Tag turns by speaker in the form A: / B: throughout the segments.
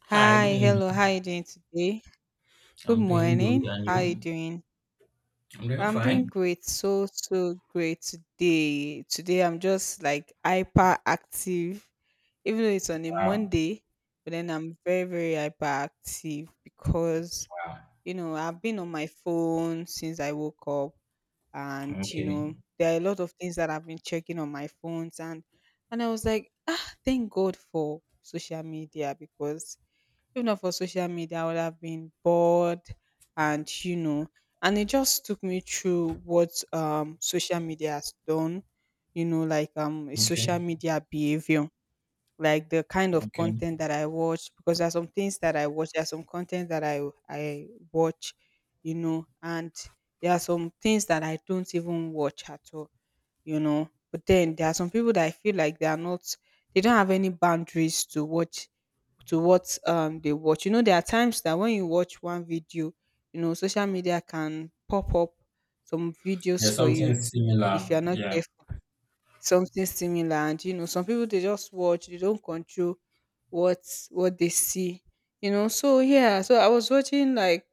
A: Hi, good
B: Hi, hello. How
A: morning.
B: are you doing today? Good
A: I'm doing good,
B: morning.
A: and
B: How are you
A: you?
B: doing?
A: I'm doing
B: I'm doing
A: fine.
B: great. So great today. Today, I'm just like hyper active, even though it's on a
A: Wow,
B: Monday, but then I'm very, very hyper active because,
A: wow.
B: I've been on my phone since I woke up, and,
A: Okay.
B: there are a lot of things that I've been checking on my phones, and I was like, ah, thank God for social media because if not for social media, I would have been bored and and it just took me through what social media has done, you know, like a
A: Okay,
B: social media behavior, like the kind of
A: okay.
B: content that I watch, because there are some things that I watch, there are some content that I watch, you know, and there are some things that I don't even watch at all you know. But then there are some people that I feel like they are not they don't have any boundaries to watch to what they watch. You know, there are times that when you watch one video, you know, social media can pop up some
A: Yeah,
B: videos for you
A: something
B: if
A: similar.
B: you're not
A: Yeah.
B: careful, something similar, and you know some people they just watch, they don't control what what they see, you know. So yeah, so I was watching like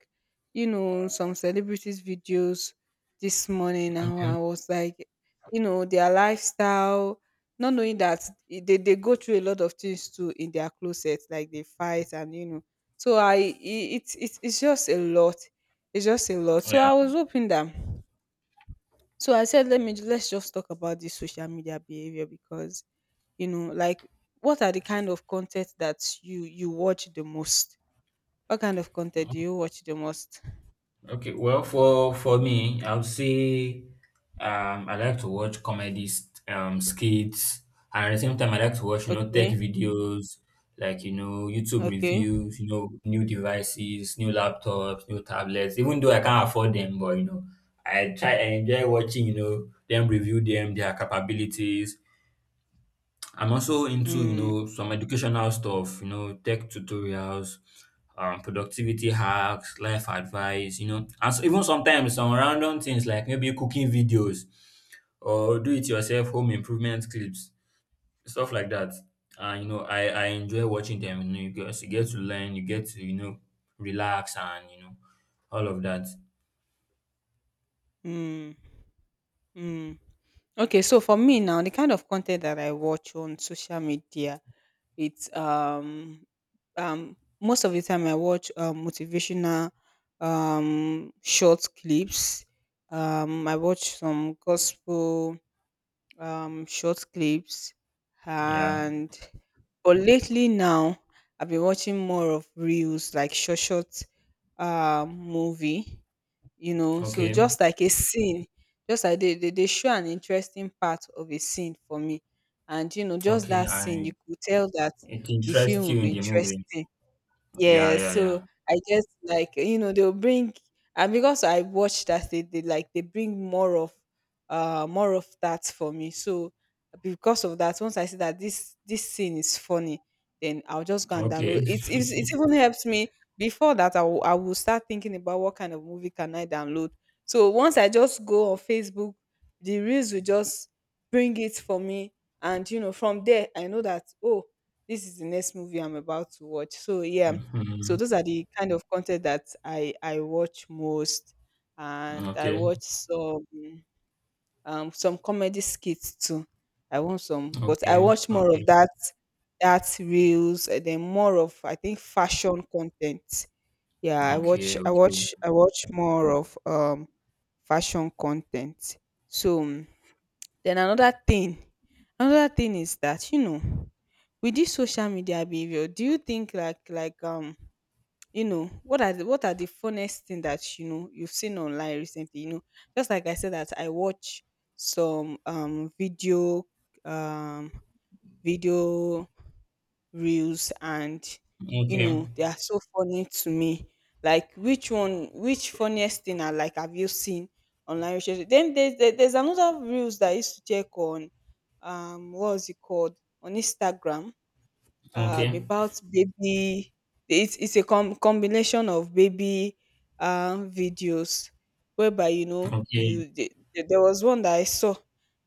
B: you know some celebrities videos this morning and
A: Okay.
B: I was like you know their lifestyle, not knowing that they go through a lot of things too in their closet, like they fight, and you know. So it's just a lot, it's just a lot. So I
A: Yeah.
B: was hoping that, so I said, let's just talk about this social media behavior, because you know, like what are the kind of content that you watch the most? What kind of content do you watch the most?
A: Okay, well, for me, I would say I like to watch comedies, skits, and at the same time, I like to watch you know tech
B: Okay,
A: videos, like you know YouTube
B: okay,
A: reviews, you know new devices, new laptops, new tablets. Even though I can't afford them, but you know I try I enjoy watching you know them review them, their capabilities. I'm also into, you
B: mm,
A: know, some educational stuff, you know, tech tutorials, productivity hacks, life advice, you know, and so even sometimes some random things like maybe cooking videos or do it yourself home improvement clips, stuff like that. And you know, I enjoy watching them. You know, you get to learn, you get to you know relax and you know all of that.
B: mm, mm. Okay, so for me now, the kind of content that I watch on social media, it's um most of the time I watch motivational short clips. I watch some gospel short clips,
A: Yeah.
B: and but lately now I've been watching more of reels, like short movie, you know. So
A: Okay.
B: just like a scene, just like they show an interesting part of a scene for me. And you know, just
A: Okay.
B: that scene,
A: I
B: you could tell that
A: It
B: the film
A: interests
B: will
A: you in
B: be
A: the movie.
B: interesting,
A: Yeah.
B: yeah.
A: Yeah.
B: So
A: Yeah.
B: I just like you know they'll bring, and because I watched that they like they bring more of that for me. So because of that, once I see that this scene is funny, then I'll just go and download.
A: Okay.
B: It's it even helps me before that I will start thinking about what kind of movie can I download. So once I just go on Facebook, the reels will just bring it for me, and you know from there I know that oh this is the next movie I'm about to watch. So yeah, so
A: Mhm.
B: those are the kind of content that I watch most, and I
A: Okay,
B: watch some comedy skits too. I want some, but I
A: okay,
B: watch more
A: okay,
B: of that, that reels, and then more of I think fashion content. Yeah, I watch
A: okay,
B: I
A: okay,
B: watch I watch more of fashion content. So mm, then another thing is that you know with this social media behavior, do you think like you know what are the funnest thing that you know you've seen online recently, you know, just like I said that I watch some video um video reels, and you
A: okay,
B: know they are so funny to me, like which funniest thing I like have you seen online recently? Then there's another reels that I used to check on, what's it called, on Instagram,
A: okay,
B: about baby. It's a combination of baby videos whereby you know
A: okay.
B: you there was one that I saw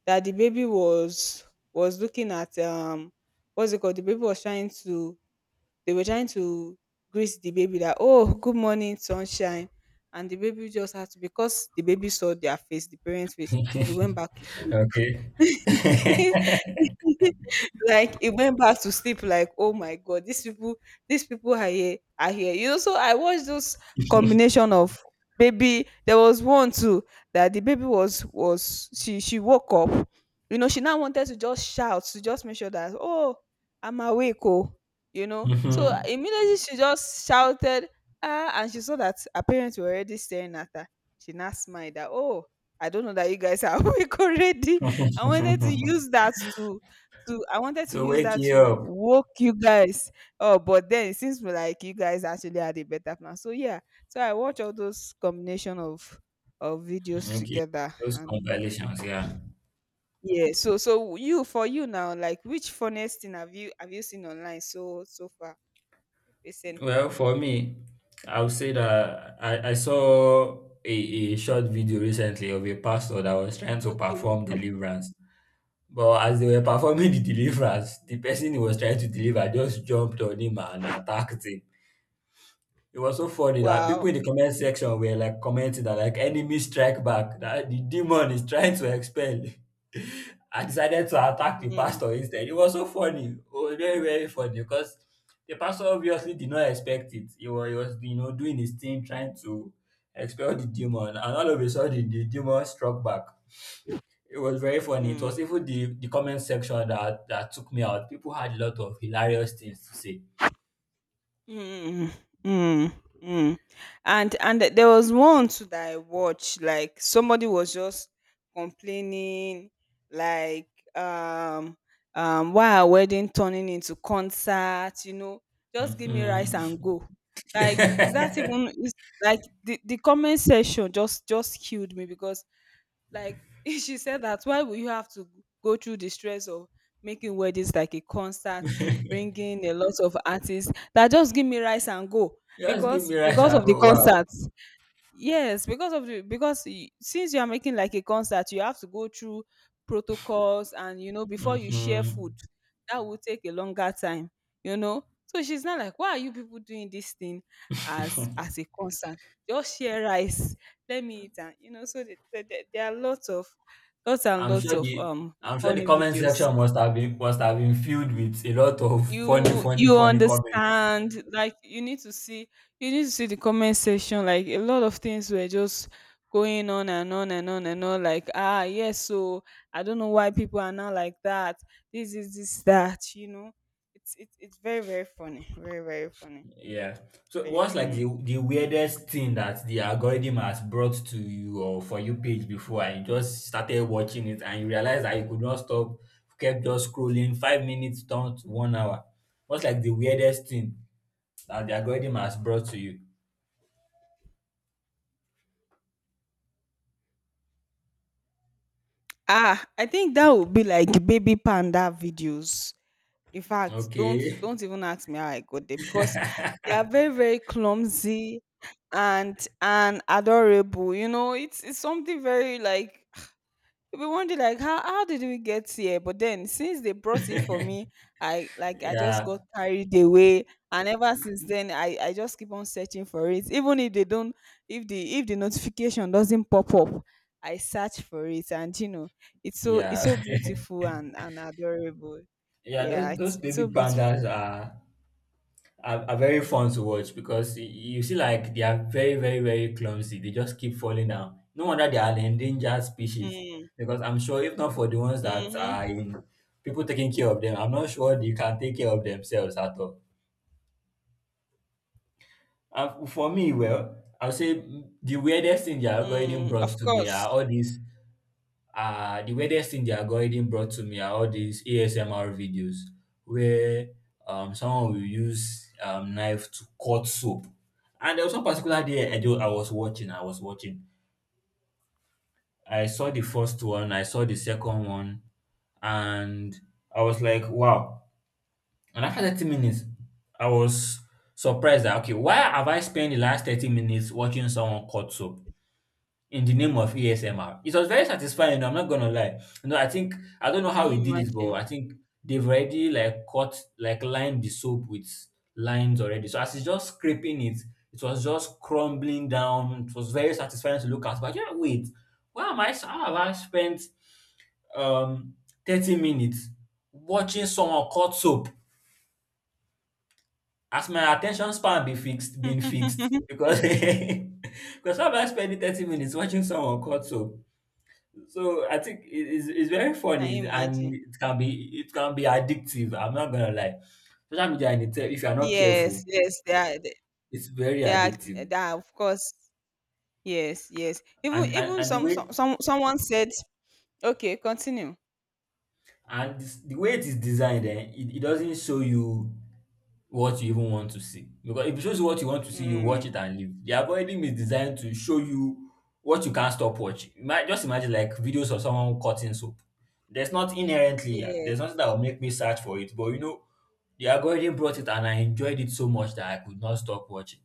B: that the baby was looking at what's it called, the baby was trying to, they were trying to greet the baby that oh good morning sunshine, and the baby just had to, because the baby saw their face, the parents face, he went back to sleep
A: Okay.
B: like it went back to sleep, like oh my God, these people are here, you know. So I watched those combination of baby. There was one too that the baby was she woke up, you know she now wanted to just shout, to just make sure that oh, I'm awake oh, you know. So
A: Mhm.
B: immediately she just shouted, ah, and she saw that her parents were already staring at her. She now smiled that oh, I don't know that you guys are awake already. I wanted to use that to I wanted to
A: So
B: use
A: wake
B: that
A: you
B: to
A: up.
B: woke you guys up, but then it seems like you guys actually had a better plan. So yeah, so I watch all those combination of videos
A: Okay,
B: together,
A: those
B: and
A: compilations, yeah.
B: yeah. So so you, for you now, like which funniest thing have you seen online so so far recently?
A: Well, for me, I would say that I saw a, a short video recently of a pastor that was trying to
B: Okay.
A: perform deliverance. But as they were
B: Mm.
A: performing the deliverance, the person he was trying to deliver just jumped on him and attacked him. It was so funny that people
B: Wow.
A: in the comment section were like commenting that like enemy strike back, that the demon is trying to expel. I decided to attack the
B: Mm.
A: pastor instead. It was so funny. Oh, very, very funny because the pastor obviously did not expect it. He was you know, doing his thing, trying to expel the demon, and all of a sudden the demon struck back. It was very funny. It was
B: Mm.
A: even the comment section that, that took me out. People had a lot of hilarious things to say.
B: Mm, mm, mm. And there was one too that I watched, like somebody was just complaining, like um um why are wedding turning into concert, you know, just give me
A: Hmm.
B: rice and go. Like, is that even is, like the comment section just killed me because like she said that why would you have to go through the stress of making weddings like a concert, bringing a lot of artists, that just give me rice and go
A: Just give me rice
B: because
A: and
B: of the
A: go, wow.
B: concert. Yes, because of the because since you are making like a concert, you have to go through protocols and you know before you share
A: Hmm.
B: food, that will take a longer time, you know. So she's not like, why are you people doing this thing as a concert? Just share rice, let me eat, and you know. So there are lots of lots and
A: I'm
B: lots
A: sure
B: of
A: the I'm sure the
B: funny
A: comment
B: videos.
A: section must have been filled with a lot of funny,
B: you
A: funny,
B: you
A: funny comments.
B: understand, like you need to see, you need to see the comment section. Like a lot of things were just going on and on and on and on, like ah yes. So I don't know why people are not like that, this is this that you know. It's very very funny, very very funny,
A: Yeah. So
B: very
A: what's like the
B: funny.
A: weirdest thing that the algorithm has brought to you or for you page before and you just started watching it and you realized that you could not stop, kept just scrolling 5 minutes down to one hour. What's like the weirdest thing that the algorithm has brought to you?
B: Ah, I think that would be like baby panda videos. In fact,
A: Okay.
B: don't even ask me how I got there because they are very very clumsy and adorable. You know, it's something very like we wonder like how did we get here? But then since they brought it for me, I like I just
A: Yeah.
B: got carried away, and ever since then I just keep on searching for it. Even if they don't, if the notification doesn't pop up, I search for it, and you know, it's
A: Yeah.
B: so beautiful and adorable.
A: Yeah,
B: Yeah,
A: those
B: it's
A: baby
B: so
A: pandas
B: beautiful.
A: are are very fun to watch because you see like they are very very very clumsy. They just keep falling down. No wonder they are an endangered species,
B: Mm,
A: because I'm sure if not for the ones that are
B: mm-hmm,
A: in people taking care of them, I'm not sure they can take care of themselves at all. And for me, well, I'll say the weirdest thing the algorithm
B: mm,
A: brought
B: of
A: to me are
B: course.
A: all these the weirdest thing the algorithm brought to me are all these ASMR videos where someone will use knife to cut soap. And there was one particular day I, do, I was watching, I was watching. I saw the first one, I saw the second one, and I was like, wow. And after 30 minutes, I was surprised that, okay, why have I spent the last 30 minutes watching someone cut soap? In the name of ASMR. It was very satisfying, I'm not gonna lie. You know, I think I don't know
B: Can
A: how he
B: you
A: did it, but
B: imagine?
A: I think they've already like cut like lined the soap with lines already. So as he's just scraping it, it was just crumbling down. It was very satisfying to look at. But yeah, wait, why am I how have I spent um 30 minutes watching someone cut soap? Has my attention span be fixed been fixed? Because because how have I spent 30 minutes watching someone cut soap? So I think it is it's very
B: Can you
A: funny and
B: imagine?
A: it can be addictive. I'm not gonna lie. Social media in itself, if you are not
B: Yes,
A: careful,
B: yes,
A: it's very
B: they are,
A: addictive.
B: they are of course. Yes, yes. Even
A: And and,
B: even
A: and the
B: some, some
A: way
B: some someone said okay, continue.
A: the way it is designed, eh, it doesn't show you what you even want to see. Because if it shows you what you want to see, you watch
B: Mm.
A: it and leave. The algorithm is designed to show you what you can't stop watching. Just imagine like videos of someone cutting soap.
B: Yeah.
A: There's nothing that will make me search for it, but you know, the algorithm brought it and I enjoyed it so much that I could not stop watching.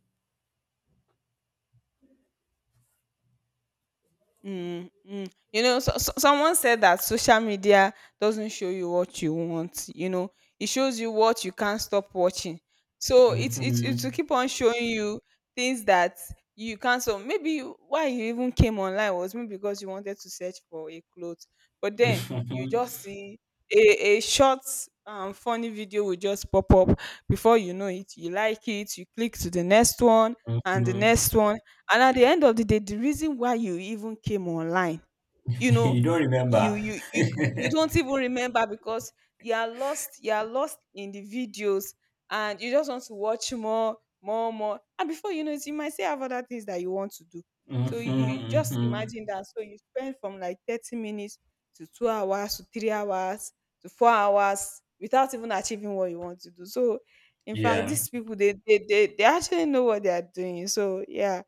B: Mm, mm. You know, so, so someone said that social media doesn't show you what you want. You know, it shows you what you can't stop watching. So it's it to
A: Mhm.
B: keep on showing you things that you can't. So maybe why you even came online was maybe because you wanted to search for a clothes, but then you
A: Mhm.
B: just see a short funny video will just pop up. Before you know it, you like it, you click to the next one and the
A: Mhm.
B: next one. And at the end of the day, the reason why you even came online, you
A: You
B: know,
A: don't
B: you
A: remember.
B: you you you don't even remember because you are lost in the videos, and you just want to watch more, more, more. And before you know it, you might still have other things that you want to do. So you
A: Mhm.
B: just
A: Mhm.
B: imagine that. So you spend from like 30 minutes to 2 hours to 3 hours to 4 hours without even achieving what you want to do. So in fact,
A: Yeah.
B: these people they actually know what they are doing. So yeah,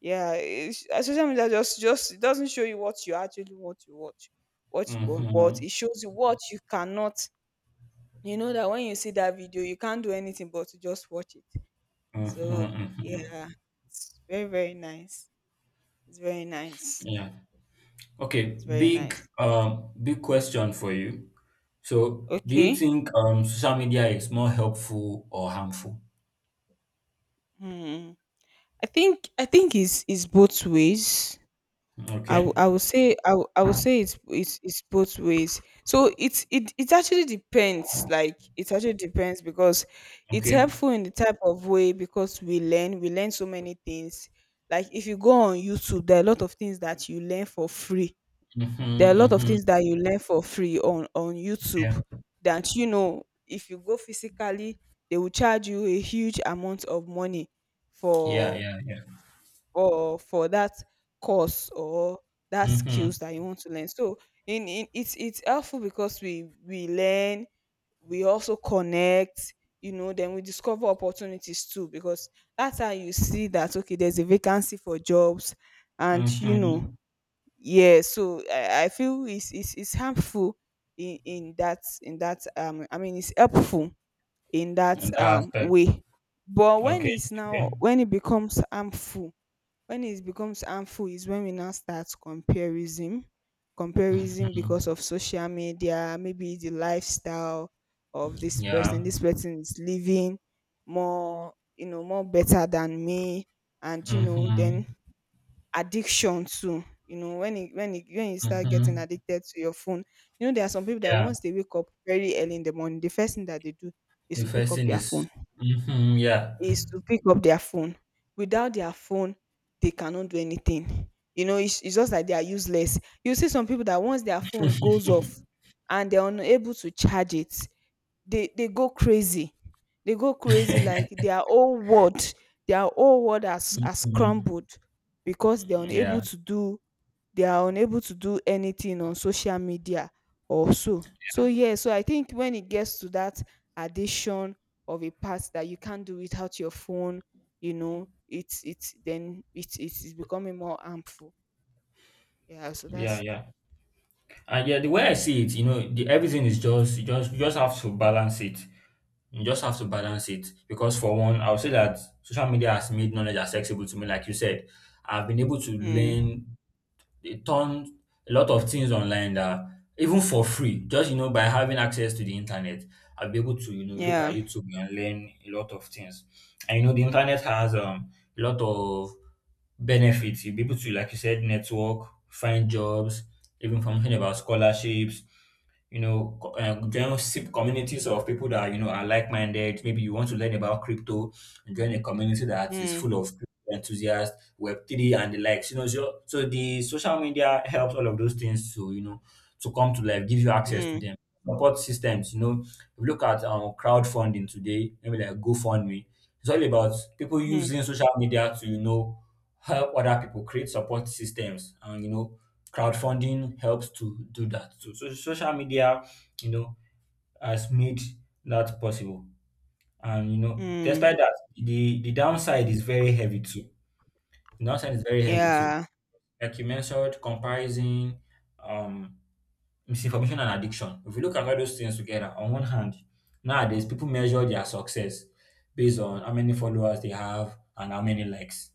B: yeah, it's, social media just it doesn't show you what you actually want to watch, what you want, but
A: Mhm.
B: it shows you what you cannot. You know that when you see that video, you can't do anything but to just watch it.
A: Mhm.
B: So
A: Mhm.
B: yeah, it's very very nice. It's very nice.
A: Yeah. Okay,
B: It's very
A: big
B: nice.
A: big question for you. So, do you
B: Okay.
A: think social media is more helpful or harmful?
B: Hmm. I think it's both ways.
A: Okay.
B: I would say I would say it's it's both ways. So it it actually depends. Like it actually depends because it's
A: Okay.
B: helpful in the type of way because we learn so many things. Like if you go on YouTube, there are a lot of things that you learn for free.
A: Mm-hmm,
B: There are a lot of
A: mm-hmm.
B: things that you learn for free on
A: Yeah.
B: YouTube that you know if you go physically, they will charge you a huge amount of money
A: Yeah,
B: for
A: yeah, yeah.
B: or for that course or that
A: Mm-hmm.
B: skills that you want to learn. So in it's helpful because we learn, we also connect, you know, then we discover opportunities too because that's how you see that okay, there's a vacancy for jobs and you
A: Mm-hmm.
B: know, yeah, so I feel it's it's harmful in that I mean it's helpful in that
A: In that aspect.
B: way. But
A: Okay. Okay.
B: when it becomes harmful is when we now start comparison, comparison because
A: Mm.
B: of social media, maybe the lifestyle of this
A: Yeah.
B: person. This person is living more, you know, more better than me, and you know, then
A: Mm-hmm.
B: addiction too. You know, when you start getting
A: Mm-hmm.
B: addicted to your phone, you know there are some people that
A: Yeah.
B: once they wake up very early in the morning, the first thing that they do is
A: The
B: to pick
A: first
B: up
A: thing
B: their
A: is
B: phone
A: mm-hmm, yeah.
B: is to pick up their phone. Without their phone, they cannot do anything. You know, it's just like they are useless. You see some people that once their phone goes off and they're unable to charge it, they go crazy. They go crazy like their whole world has
A: Mm-hmm.
B: crumbled because
A: Yeah.
B: they are unable to do anything on social media or so. So yeah, so I think when it gets to that addition of a part that you can't do without your phone, you know, it's then it's becoming more harmful. Yeah, so
A: Yeah,
B: that's
A: yeah. And yeah, the way I see it, you know, the, everything is just you just have to balance it. You just have to balance it because for one, I would say that social media has made knowledge accessible to me. Like you said, I've been able to
B: mm,
A: learn a ton, a lot of things online that even for free, just you know, by having access to the internet, I'll be able to you know look at
B: yeah.
A: YouTube and learn a lot of things. And you know, the internet has a lot of benefits. You'll be able to, like you said, network, find jobs, even information about scholarships, you know, join communities of people that you know are like-minded. Maybe you want to learn about crypto and join a community that is
B: Mm,
A: full of crypto enthusiasts, Web three, and the likes. You know, so the social media helps all of those things to you know to come to life, give you access to
B: mm,
A: them. Support systems, you know, if you look at crowdfunding today, maybe like GoFundMe. It's all about people
B: mm,
A: using social media to you know help other people create support systems, and you know crowdfunding helps to do that too. So social media, you know, has made that possible. And you know,
B: mm,
A: despite that, the downside is very heavy too. The downside is very heavy too.
B: yeah.
A: Like you mentioned, comparison, um, misinformation and addiction. If you look at all those things together, on one hand, nowadays people measure their success based on how many followers they have and how many likes.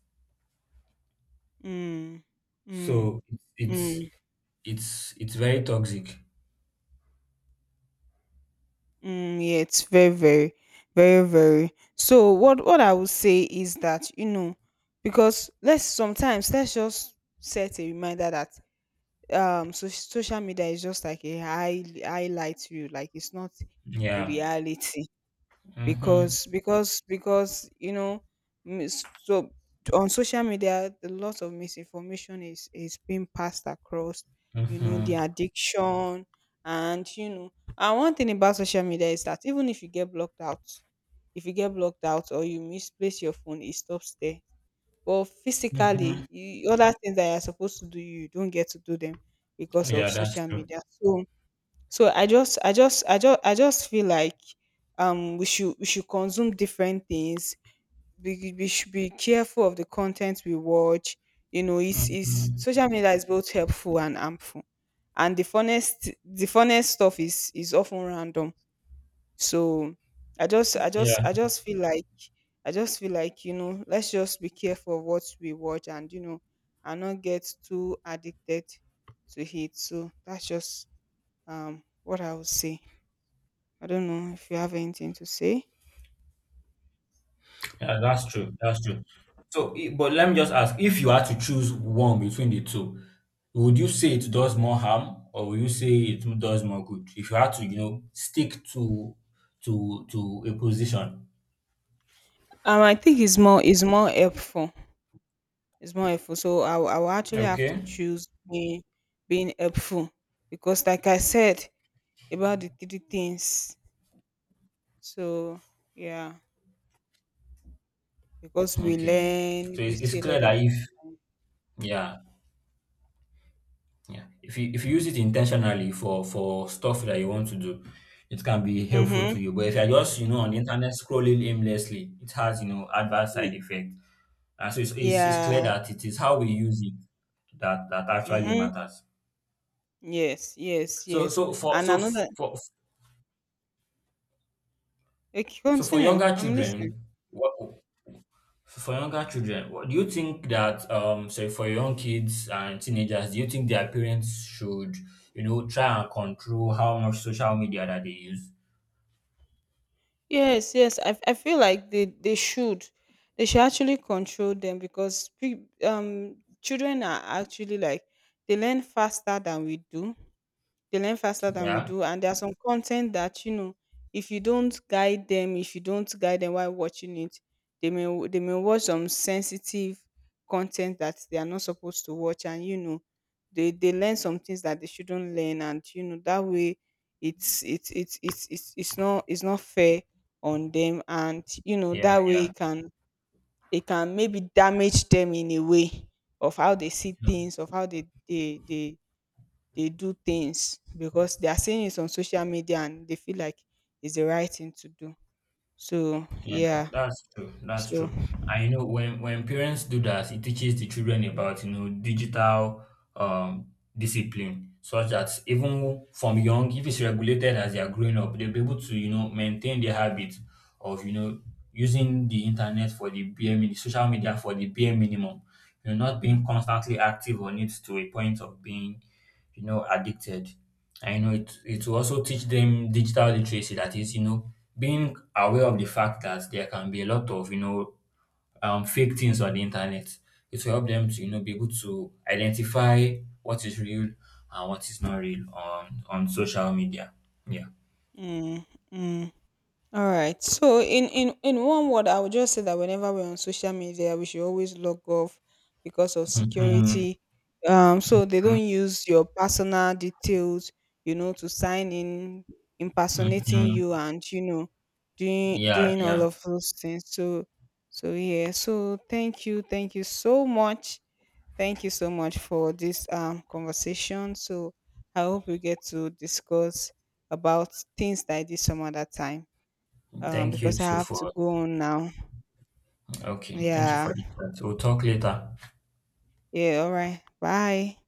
B: Mm, mm,
A: So it's
B: mm.
A: it's very toxic.
B: Mm, yeah, it's very, very, very, very. So what I would say is that you know, because let's sometimes let's just set a reminder that so social media is just like a highlight reel. Like it's not a
A: Yeah.
B: reality
A: Mm-hmm.
B: because you know mis- so on social media a lot of misinformation is being passed across you know the
A: Mm-hmm.
B: addiction and you know and one thing about social media is that even if you get blocked out if you get blocked out or you misplace your phone it stops there but physically
A: Mhm.
B: you, other things that you're supposed to do you don't get to do them because of
A: Yeah, that's
B: social
A: true.
B: media so so I just feel like we should consume different things. We should be careful of the content we watch. You know, it's
A: Mhm.
B: social media is both helpful and harmful. And the funnest stuff is often random. So
A: Yeah,
B: I just feel like I just feel like, you know, let's just be careful of what we watch and you know and not get too addicted to it. So that's just what I would say. I don't know if you have anything to say.
A: yeah, that's true. That's true. So, but let me just ask, if you had to choose one between the two, would you say it does more harm or would you say it does more good? If you had to, you know, stick to to a position.
B: I think it's more helpful. It's more helpful. So I will actually have
A: Okay.
B: to choose being helpful because, like I said about the three things. So yeah, because we
A: Okay.
B: learn,
A: So
B: we
A: it's
B: see a
A: clear
B: lot of.
A: that if yeah, Yeah. If you use it intentionally for stuff that you want to do, it can be helpful
B: Mm-hmm.
A: to you. But if you're just, you know, on the internet scrolling aimlessly, it has, you know, adverse side
B: Mm,
A: effect. And so it's clear
B: yeah.
A: that it is how we use it that that actually
B: Mm-hmm.
A: matters.
B: Yes. Yes.
A: So
B: Yes.
A: so for
B: And
A: so f-
B: another.
A: for
B: Okay,
A: so for
B: continue.
A: younger
B: I'm listening.
A: children, what what do you think that so for young kids and teenagers, do you think their parents should, you know, try and control how much social media that they use?
B: Yes, yes. I feel like they should. They should actually control them because children are actually like they learn faster than we do. They learn faster than we
A: Yeah.
B: do, and there are some content that you know, if you don't guide them, while watching it, they may watch some sensitive content that they are not supposed to watch, and you know, they learn some things that they shouldn't learn, and you know that way, it's not fair on them, and you know
A: Yeah,
B: that way
A: yeah,
B: it can maybe damage them in a way of how they see
A: yeah,
B: things, of how they do things because they are seeing it on social media and they feel like it's the right thing to do. So
A: yeah.
B: yeah,
A: That's true. That's
B: so
A: true. And you know, when parents do that, it teaches the children about you know digital um discipline, such that even from young, if it's regulated as they are growing up, they'll be able to you know maintain the habit of you know using the internet for the bare minimum, social media for the bare minimum. You know, not being constantly active on it to a point of being you know, addicted. And, you know, it will also teach them digital literacy. That is, you know, being aware of the fact that there can be a lot of, you know, fake things on the internet. It will help them to, you know, be able to identify what is real and what is not real on social media. Yeah.
B: mm, mm. All right. So in one word, I would just say that whenever we're on social media, we should always log off because of
A: Mhm.
B: security. So they don't use your personal details, you know, to sign in, impersonating you,
A: Mm-hmm.
B: and you know,
A: Yeah,
B: doing all
A: yeah.
B: of those things. So so yeah. So thank you so much, thank you so much for this conversation. So I hope we get to discuss about things like this some other time
A: Thank you
B: because I
A: too
B: have to
A: for
B: go on now.
A: Okay. Thank you for
B: Yeah.
A: the chat. We'll talk later.
B: Yeah. All right. Bye.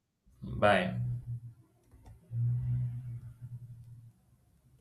A: Bye.